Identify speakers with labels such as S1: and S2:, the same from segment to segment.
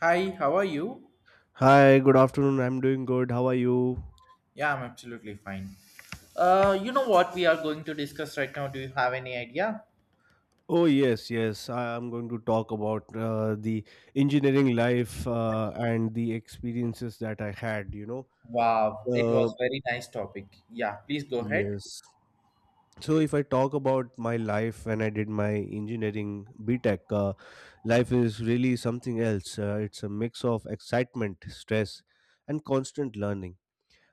S1: Hi, how are you?
S2: Hi, good afternoon. I'm doing good. How are you?
S1: Yeah, I'm absolutely fine. You know what we are going to discuss right now? Do you have any idea?
S2: Oh, yes, yes. I am going to talk about the engineering life and the experiences that I had, you know.
S1: Wow, it was
S2: Uh,
S1: very nice topic. Yeah, please go ahead.
S2: yes. So, if I talk about my life when I did my engineering BTech, life is really something else. It's a mix of excitement, stress, and constant learning.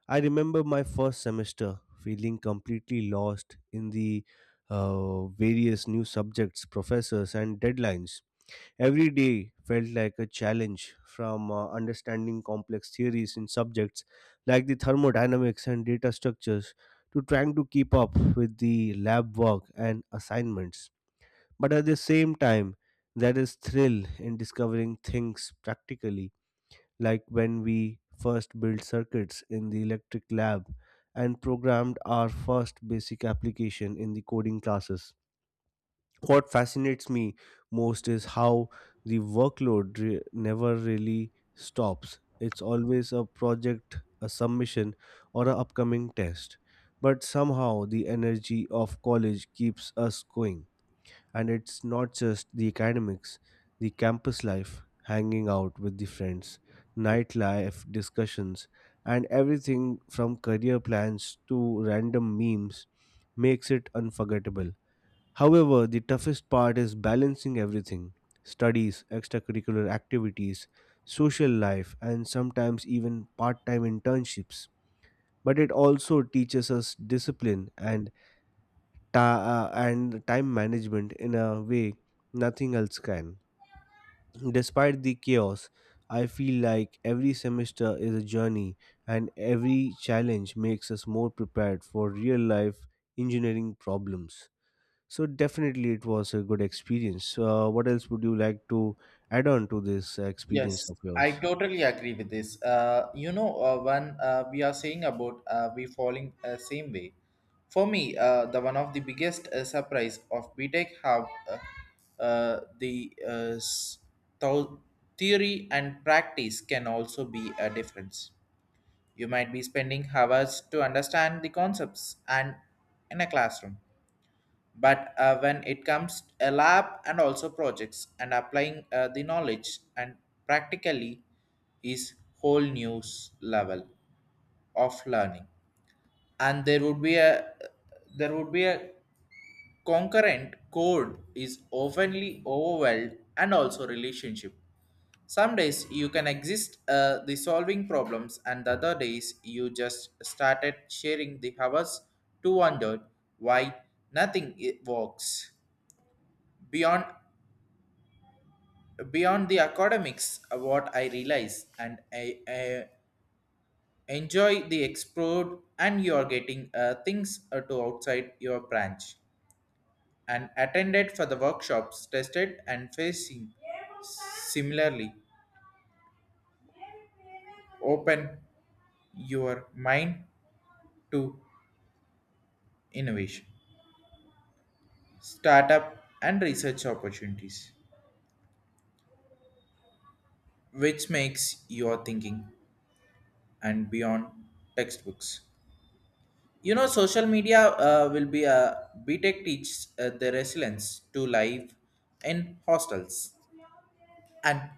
S2: I remember my first semester feeling completely lost in the various new subjects, professors, and deadlines. Every day felt like a challenge from understanding complex theories in subjects like the thermodynamics and data structures to trying to keep up with the lab work and assignments. But at the same time, there is thrill in discovering things practically, like when we first built circuits in the electric lab and programmed our first basic application in the coding classes. What fascinates me most is how the never really stops. It's always a project, a submission, or an upcoming test. But somehow the energy of college keeps us going. And it's not just the academics, the campus life, hanging out with the friends, nightlife discussions, and everything from career plans to random memes makes it unforgettable. However, the toughest part is balancing everything: studies, extracurricular activities, social life, and sometimes even part time internships. But it also teaches us discipline and time management in a way nothing else can. Despite the chaos, I feel like every semester is a journey and every challenge makes us more prepared for real life engineering problems. So, definitely, it was a good experience. What else would you like to add on to this experience
S1: Yes,
S2: of
S1: I
S2: yours?
S1: totally agree with this. When we are saying about we falling same way, for me, the one of the biggest surprise of BTEC have the thou- theory and practice can also be a difference. You might be spending hours to understand the concepts and in a classroom. But when it comes a lab and also projects and applying the knowledge and practically is whole new level of learning. And there would be a concurrent code is oftenly overwhelmed and also relationship some days you can exist the solving problems, and the other days you just started sharing the hours to wonder why nothing works. Beyond beyond the academics, what I realize, and I enjoy the explore, and you are getting things to outside your branch. And attended for the workshops, tested and facing similarly, open your mind to innovation, startup, and research opportunities, which makes your thinking and beyond textbooks. Social media will be a BTEC teach the resilience to live in hostels and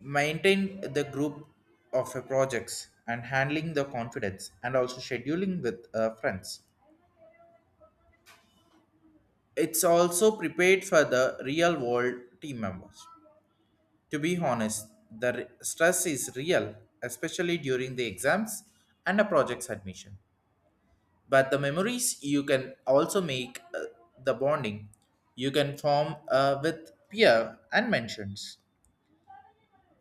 S1: maintain the group of projects and handling the confidence and also scheduling with friends. It's also prepared for the real world team members. To be honest, stress is real, especially during the exams and a project's admission. But the memories you can also make the bonding you can form with peer and mentions.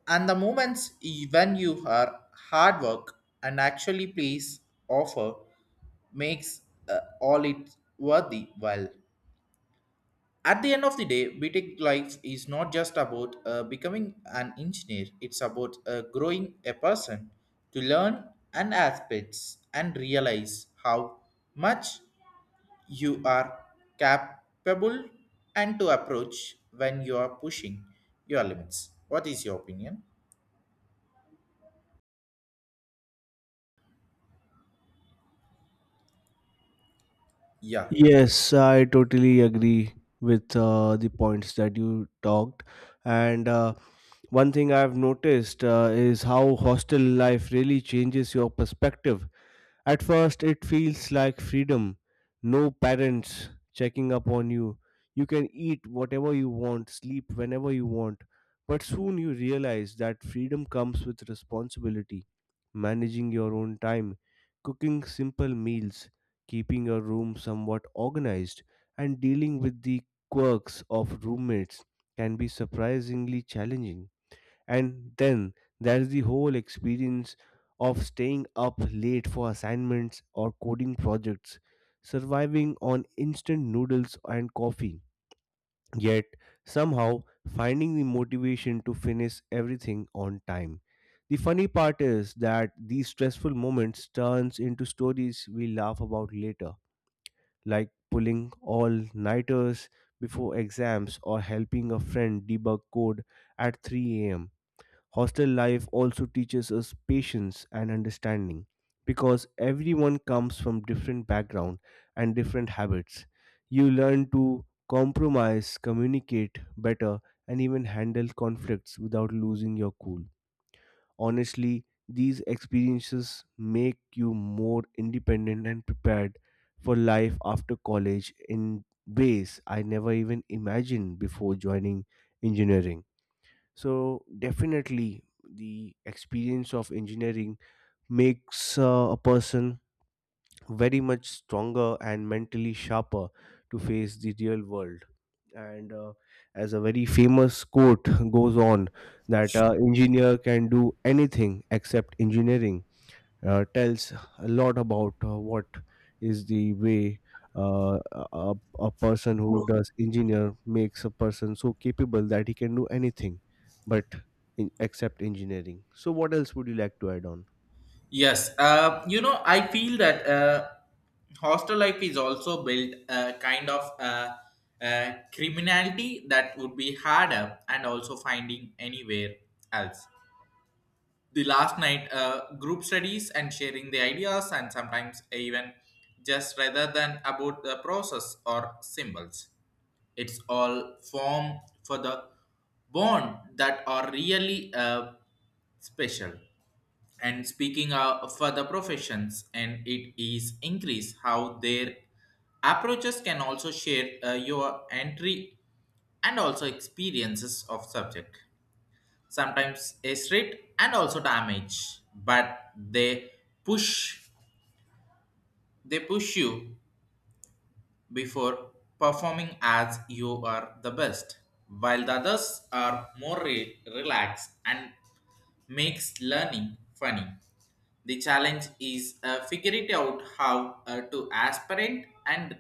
S1: And the moments when you are hard work and actually please offer makes all it worthy well. At the end of the day, btech life is not just about becoming an engineer. It's about growing a person to learn and aspects and realize how much you are capable and to approach when you are pushing your limits. What is your opinion? Yeah.
S2: Yes, I totally agree with the points that you talked, and one thing I've noticed is how hostel life really changes your perspective. At first, it feels like freedom, no parents checking up on you. You can eat whatever you want, sleep whenever you want. But soon you realize that freedom comes with responsibility: managing your own time, cooking simple meals, keeping your room somewhat organized, and dealing with the quirks of roommates can be surprisingly challenging. And then there's the whole experience of staying up late for assignments or coding projects, surviving on instant noodles and coffee, yet somehow finding the motivation to finish everything on time. The funny part is that these stressful moments turns into stories we laugh about later, like pulling all-nighters before exams or helping a friend debug code at 3 a.m. Hostel life also teaches us patience and understanding because everyone comes from different background and different habits. You learn to compromise, communicate better and even handle conflicts without losing your cool. Honestly, these experiences make you more independent and prepared for life after college in ways I never even imagined before joining engineering. So definitely the experience of engineering makes a person very much stronger and mentally sharper to face the real world. And as a very famous quote goes on, that engineer can do anything except engineering tells a lot about what is the way, uh, a, a person who does engineer makes a person so capable that he can do anything but except engineering. So what else would you like to add on?
S1: Yes, I feel that hostel life is also built a kind of criminality that would be harder and also finding anywhere else. The last night, group studies and sharing the ideas, and sometimes even just rather than about the process or symbols. It's all form for the bond that are really special and speaking of for the professions and it is increase how their approaches can also share your entry and also experiences of subject sometimes a straight and also damage but push they push you before performing as you are the best, while the others are more relaxed and makes learning funny. The challenge is figure it out how to aspirant and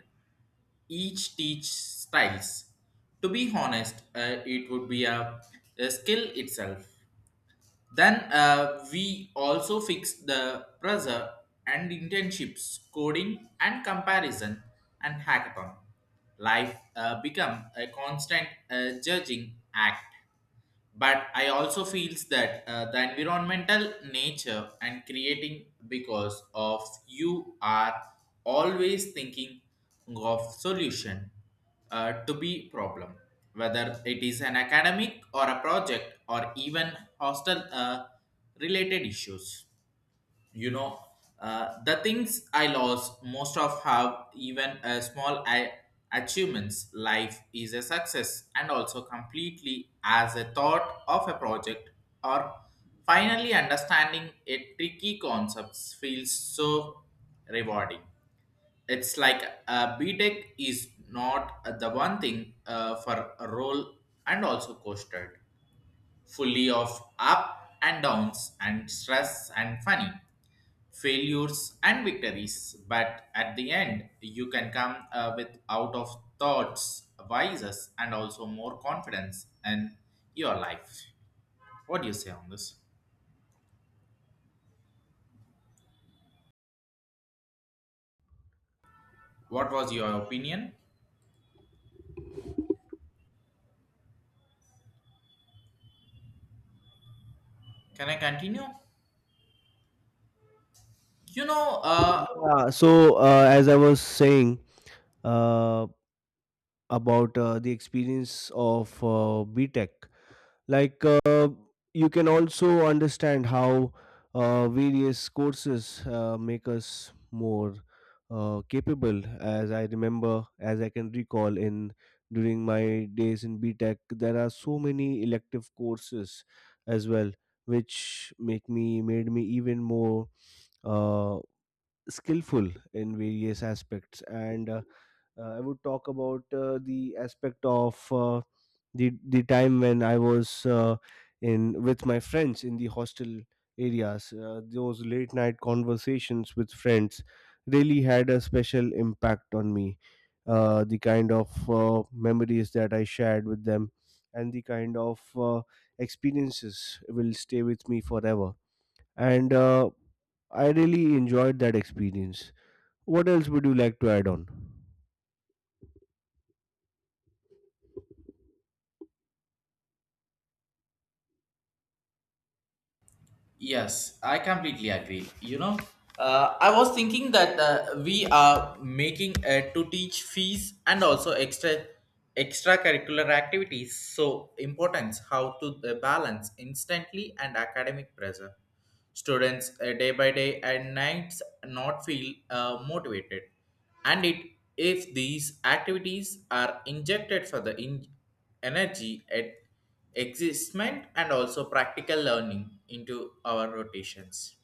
S1: each teach styles. To be honest, it would be a skill itself. Then we also fix the pressure and internships, coding and comparison and hackathon. Life become a constant judging act but I also feels that the environmental nature and creating because of you are always thinking of solution to be problem whether it is an academic or a project or even hostel related issues. you know the things I lost most of have even a small achievements life is a success and also completely as a thought of a project or finally understanding a tricky concepts feels so rewarding. It's like btech is not the one thing for a role and also coasted fully of up and downs and stress and funny failures and victories but at the end you can come with out of thoughts vices and also more confidence in your life. What do you say on this? What was your opinion? Can I continue? you know uh,
S2: Yeah, so as I was saying uh, about the experience of BTech, like uh, you can also understand how various courses make us more capable. As I remember, as I can recall, in during my days in B Tech, there are so many elective courses as well which make me made me even more uh, skillful in various aspects. And uh, uh, i would talk about the aspect of the time when I was in with my friends in the hostel areas. Those late night conversations with friends really had a special impact on me. The kind of memories that I shared with them and the kind of experiences will stay with me forever. And I really enjoyed that experience. What else would you like to add on?
S1: Yes, I completely agree. I was thinking that we are making to teach fees and also extracurricular activities so importance how to balance instantly and academic pressure. Students day by day and nights not feel motivated, and it if these activities are injected for the energy at existment and also practical learning into our rotations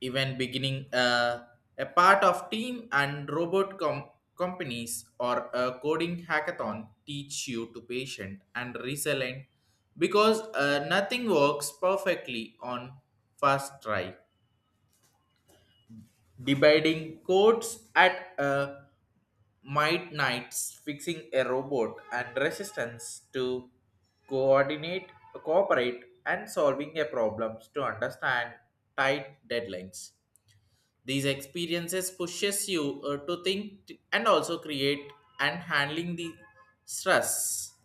S1: even beginning a part of team and companies or a coding hackathon teach you to patient and resilient because nothing works perfectly on first try. Dividing codes at a might fixing a robot and resistance to coordinate cooperate and solving a problems to understand tight deadlines. These experiences pushes you to and also create and handling the stress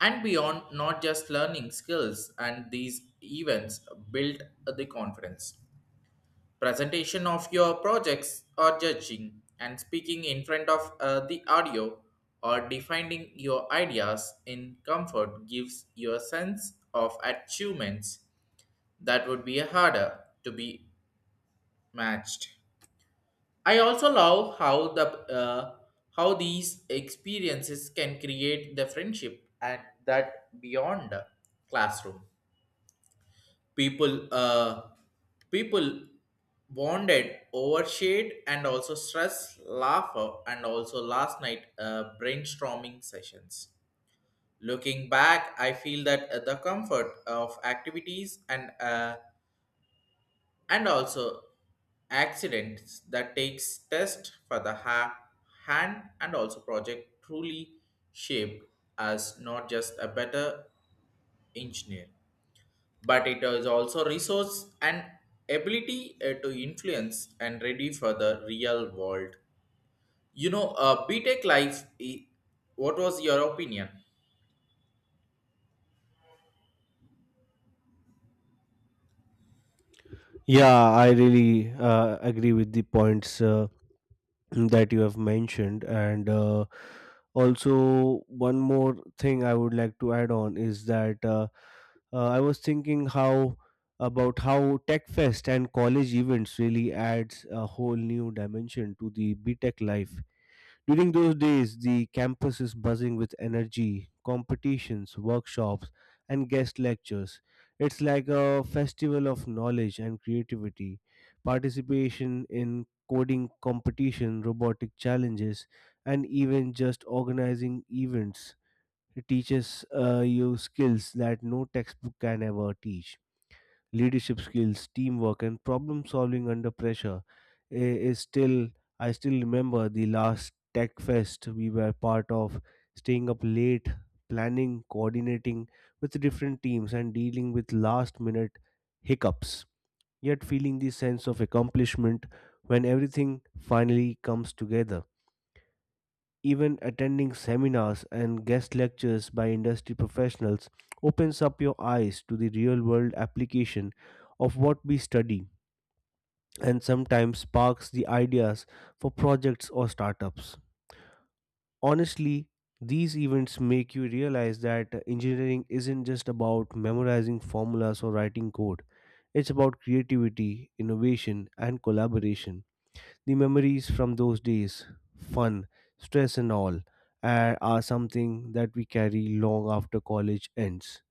S1: and beyond not just learning skills and these events build the confidence presentation of your projects or judging and speaking in front of the audio or defining your ideas in comfort gives you a sense of achievements that would be harder to be matched. I also love how the uh, how these experiences can create the friendship and that beyond the classroom. People uh, people bonded over shade and also stress, laughter, and also last night brainstorming sessions. Looking back, I feel that the comfort of activities and also accidents that takes test for the hand and also project truly shaped as not just a better engineer but it is also resource and ability to influence and ready for the real world. Btech life what was your opinion?
S2: Yeah, I really agree with the points that you have mentioned. And also, one more thing I would like to add on is that I was thinking how about how Tech Fest and college events really adds a whole new dimension to the B Tech life. During those days, the campus is buzzing with energy, competitions, workshops, and guest lectures. It's like a festival of knowledge and creativity. Participation in coding competition, robotic challenges, and even just organizing events teaches you skills that no textbook can ever teach: leadership skills, teamwork, and problem solving under pressure I- is still. I still remember the last Tech Fest we were part of, staying up late, planning, coordinating with different teams, and dealing with last minute hiccups, yet feeling the sense of accomplishment when everything finally comes together. Even attending seminars and guest lectures by industry professionals opens up your eyes to the real world application of what we study and sometimes sparks the ideas for projects or startups. Honestly, these events make you realize that engineering isn't just about memorizing formulas or writing code. It's about creativity, innovation, and collaboration. The memories from those days, fun, stress, and all, are something that we carry long after college ends.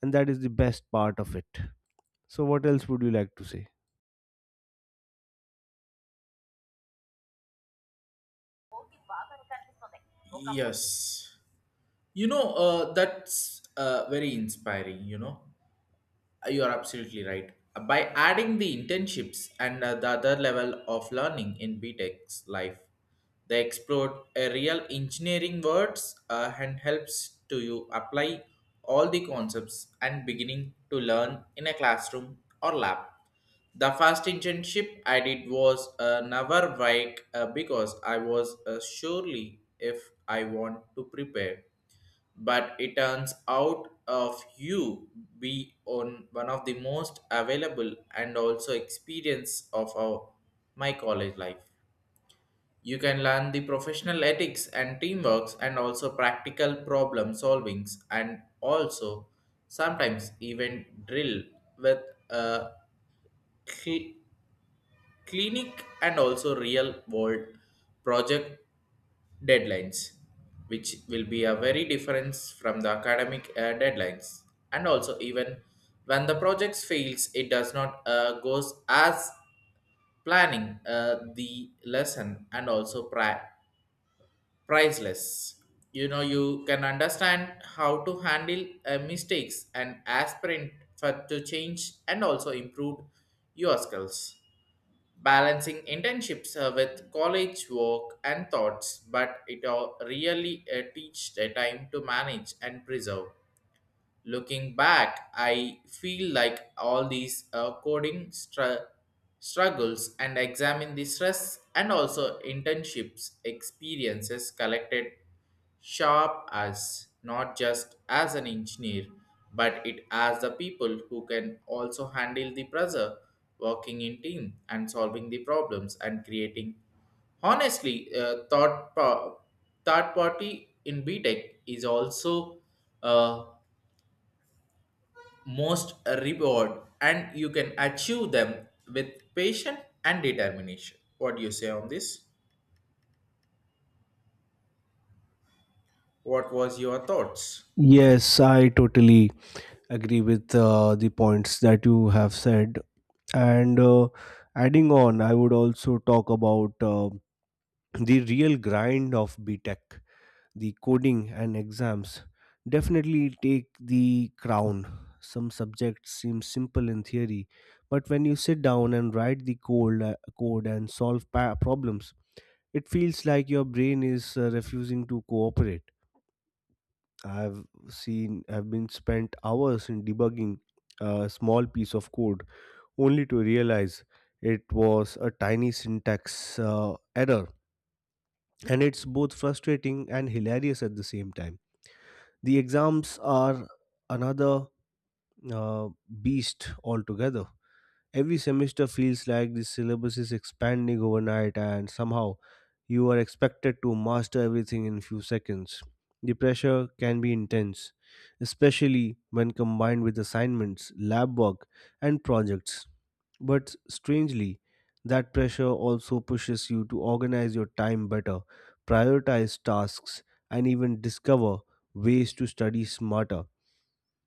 S2: And that is the best part of it. So, what else would you like to say?
S1: Yes. That's very inspiring, you know. You are absolutely right. By adding the internships and the other level of learning in BTEC's life, they explore a real engineering words and helps to you apply all the concepts and beginning to learn in a classroom or lab. The first internship I did was never wake because I was surely if I want to prepare but it turns out of you be on one of the most available and also experience of my college life. You can learn the professional ethics and teamworks and also practical problem solvings and also sometimes even drill with a cl- clinic and also real world project deadlines, which will be a very difference from the academic deadlines. And also, even when the project fails, it does not goes as planning the lesson and also priceless. You can understand how to handle mistakes and aspirant for to change and also improve your skills balancing internships with college work and thoughts, but it all really teach the time to manage and preserve. Looking back, I feel like all these coding struggles and examine the stress and also internships experiences collected sharp us not just as an engineer but it as the people who can also handle the pressure working in team and solving the problems and creating honestly thought third party in B Tech is also uh, most reward and you can achieve them with patience and determination. What do you say on this? What was your thoughts?
S2: Yes, I totally agree with the points that you have said. And adding on, I would also talk about the real grind of B Tech. The coding and exams definitely take the crown. Some subjects seem simple in theory, but when you sit down and write the code and solve problems, it feels like your brain is refusing to cooperate. I've been spent hours in debugging a small piece of code only to realize it was a tiny syntax error, and it's both frustrating and hilarious at the same time. The exams are another uh, beast altogether. Every semester feels like the syllabus is expanding overnight, and somehow you are expected to master everything in few seconds. The pressure can be intense, especially when combined with assignments, lab work, and projects, but strangely, that pressure also pushes you to organize your time better, prioritize tasks, and even discover ways to study smarter,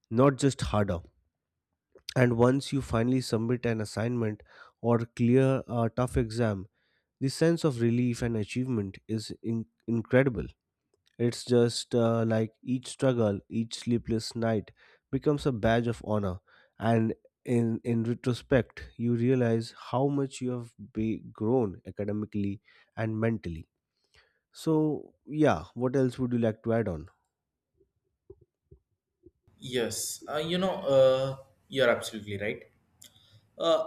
S2: not just harder. And once you finally submit an assignment or clear a tough exam, the sense of relief and achievement is incredible. It's just like each struggle, each sleepless night becomes a badge of honor. And in retrospect, you realize how much you have be grown academically and mentally. So, yeah, what else would you like to add on?
S1: Yes, you're absolutely right. Uh,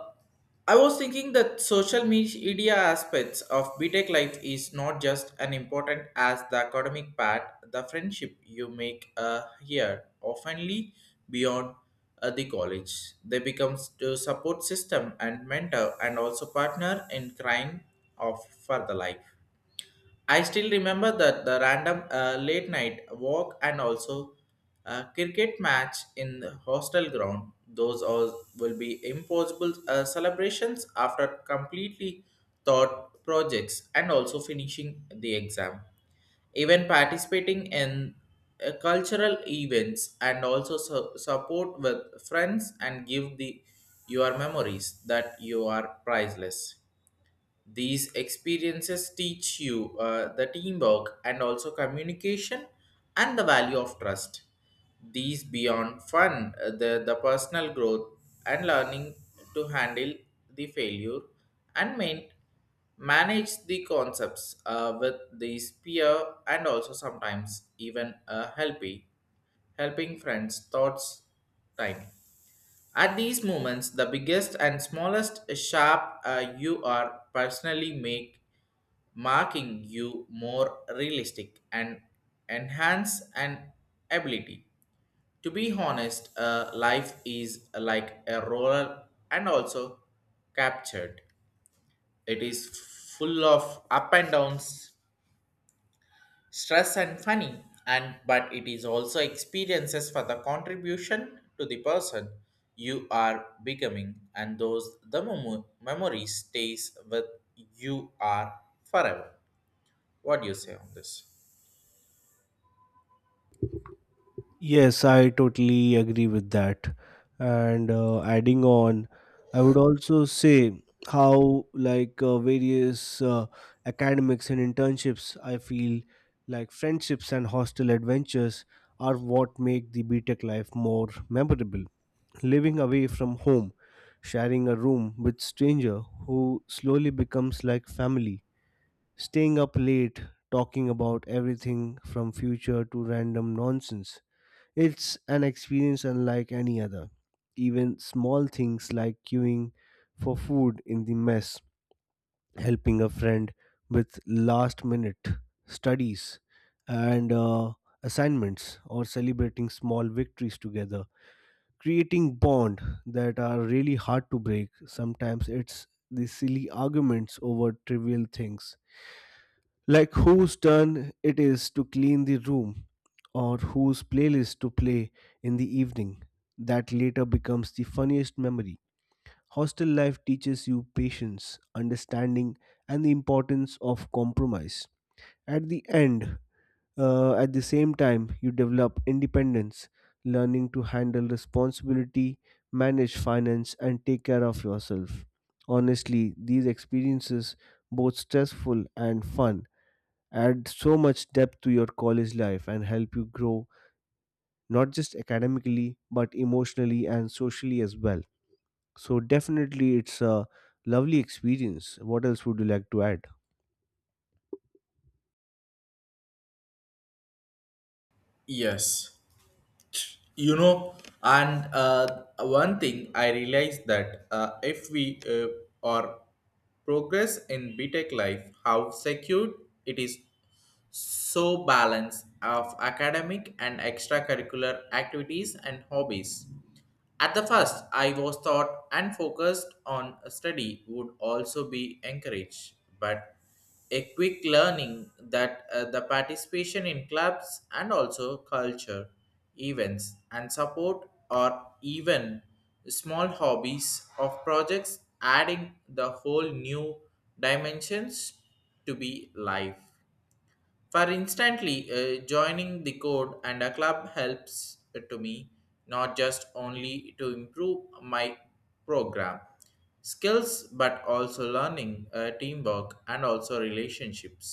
S1: I was thinking that social media aspects of B Tech life is not just as important as the academic part. The friendship you make here oftenly beyond the college. They becomes to support system and mentor and also partner in crime of further life. I still remember that the random late night walk and also a cricket match in the hostel ground. Those all will be impossible celebrations after completely thought projects and also finishing the exam. Even participating in cultural events and also support with friends and give the your memories that you are priceless. These experiences teach you the teamwork and also communication and the value of trust. These beyond fun, the personal growth and learning to handle the failure and manage the concepts with these peer and also sometimes even helping friends thoughts time at these moments, the biggest and smallest sharp you are personally make marking you more realistic and enhance an ability. To be honest, life is like a roller and also captured. It is full of up and downs, stress and funny and but it is also experiences for the contribution to the person you are becoming and those the memory stays with you are forever. What do you say on this?
S2: Yes, I totally agree with that. And adding on, I would also say how, like, various academics and internships, I feel like friendships and hostel adventures are what make the BTEC life more memorable. Living away from home, sharing a room with stranger who slowly becomes like family, staying up late, talking about everything from future to random nonsense, it's an experience unlike any other. Even small things like queuing for food in the mess, helping a friend with last minute studies and assignments, or celebrating small victories together, creating bond that are really hard to break. Sometimes it's the silly arguments over trivial things, like whose turn it is to clean the room or whose playlist to play in the evening, that later becomes the funniest memory. Hostel life teaches you patience, understanding, and the importance of compromise. At the end, at the same time, you develop independence, learning to handle responsibility, manage finance, and take care of yourself. Honestly, these experiences, both stressful and fun, add so much depth to your college life and help you grow not just academically but emotionally and socially as well. So definitely it's a lovely experience. What else would you like to add?
S1: Yes, you know, and one thing I realized that if we are progress in B Tech life, how secure it is so balance of academic and extracurricular activities and hobbies. At the first, I was thought and focused on study would also be encouraged, but a quick learning that the participation in clubs and also culture, events, and support, or even small hobbies of projects, adding the whole new dimensions to be life. For instantly joining the code and a club helps to me not just only to improve my program skills but also learning teamwork and also relationships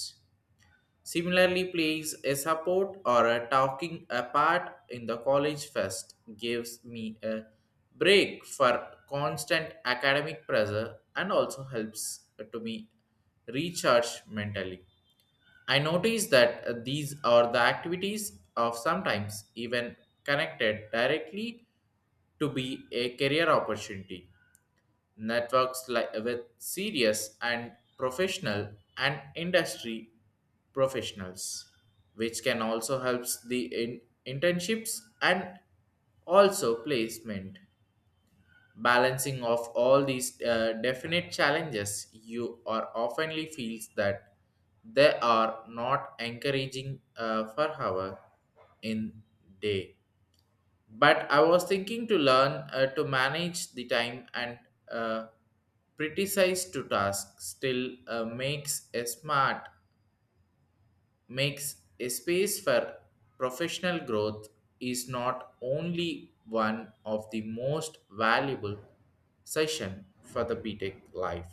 S1: similarly plays a support or a talking a part in the college fest gives me a break for constant academic pressure and also helps to me recharge mentally. I notice that these are the activities of sometimes even connected directly to be a career opportunity. Networks like with serious and professional and industry professionals, which can also helps the internships and also placement. Balancing of all these definite challenges, you are oftenly feels that they are not encouraging for hour in day. But I was thinking to learn to manage the time and uh, pretty size to task still makes a space for professional growth is not only one of the most valuable session for the BTech life.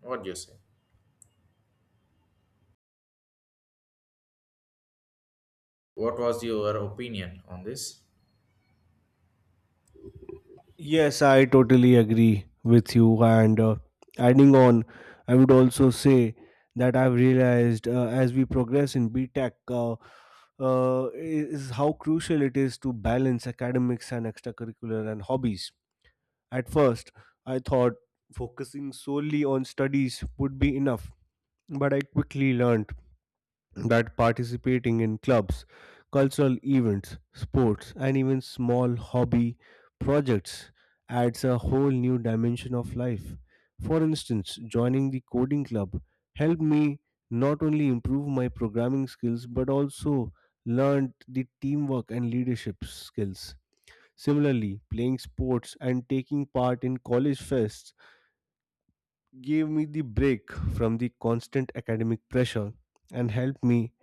S1: What do you say? What was your opinion on this?
S2: Yes, I totally agree with you. And adding on, I would also say that I've realized as we progress in BTech, is how crucial it is to balance academics and extracurricular and hobbies. At first, I thought focusing solely on studies would be enough, but I quickly learned that participating in clubs, cultural events, sports, and even small hobby projects adds a whole new dimension of life. For instance, joining the coding club helped me not only improve my programming skills but also learned the teamwork and leadership skills. Similarly, playing sports and taking part in college fests gave me the break from the constant academic pressure and helped me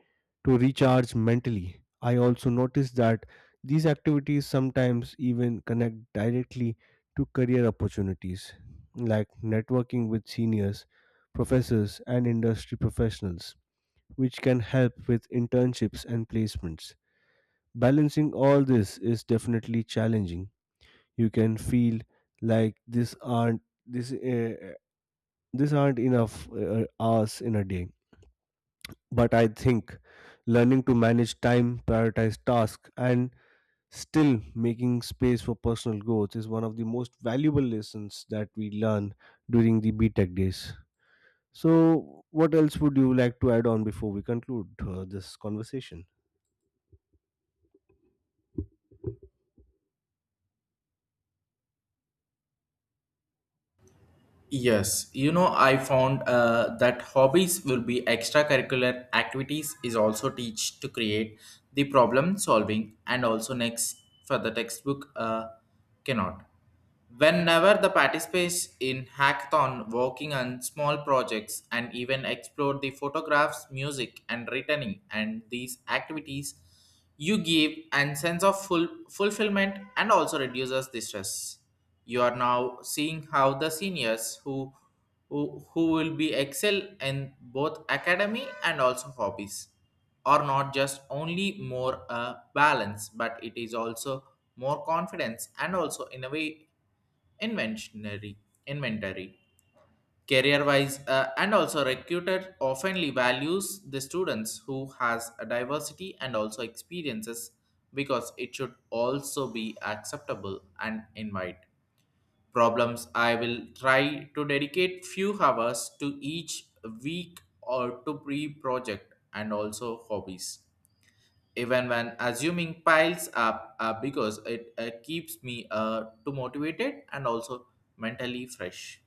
S2: to recharge mentally. I also notice that these activities sometimes even connect directly to career opportunities, like networking with seniors, professors, and industry professionals, which can help with internships and placements. Balancing all this is definitely challenging. You can feel like this uh, this aren't enough hours in a day, but I think learning to manage time, prioritize tasks, and still making space for personal growth is one of the most valuable lessons that we learn during the B Tech days. So, what else would you like to add on before we conclude this conversation?
S1: Yes, I found that hobbies will be extracurricular activities is also teach to create the problem solving and also next for the textbook cannot. Whenever the participates in hackathon, working on small projects, and even explore the photographs, music, and writing, and these activities, you give and sense of full fulfillment and also reduces the stress. You are now seeing how the seniors who will be excel in both academy and also hobbies are not just only more balance but it is also more confidence and also in a way inventionary inventory career wise and also recruiter oftenly values the students who has a diversity and also experiences because it should also be acceptable and invite problems. I will try to dedicate few hours to each week or to pre project and also hobbies even when assuming piles up because it keeps me too motivated and also mentally fresh.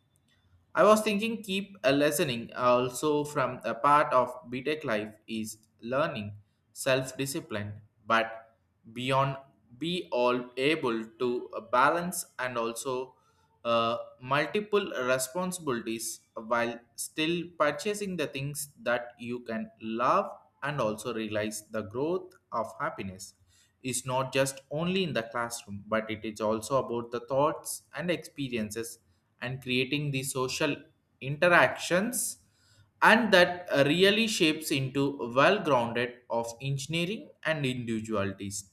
S1: I was thinking keep listening also from a part of btech life is learning self discipline but beyond be all able to balance and also multiple responsibilities while still purchasing the things that you can love and also realize the growth of happiness is not just only in the classroom but it is also about the thoughts and experiences and creating the social interactions and that really shapes into well grounded of engineering and individualities.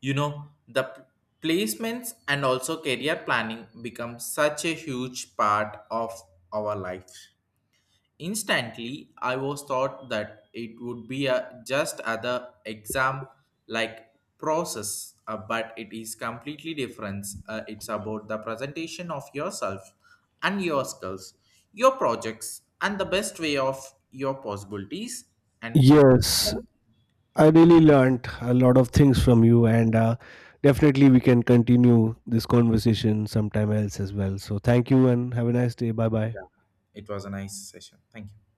S1: The placements and also career planning become such a huge part of our life instantly I was thought that it would be a just other exam like process but it is completely different it's about the presentation of yourself and your skills your projects and the best way of your possibilities and
S2: Yes, I really learned a lot of things from you, and definitely we can continue this conversation sometime else as well. So, thank you and have a nice day. Bye bye.
S1: it was a nice session. Thank you.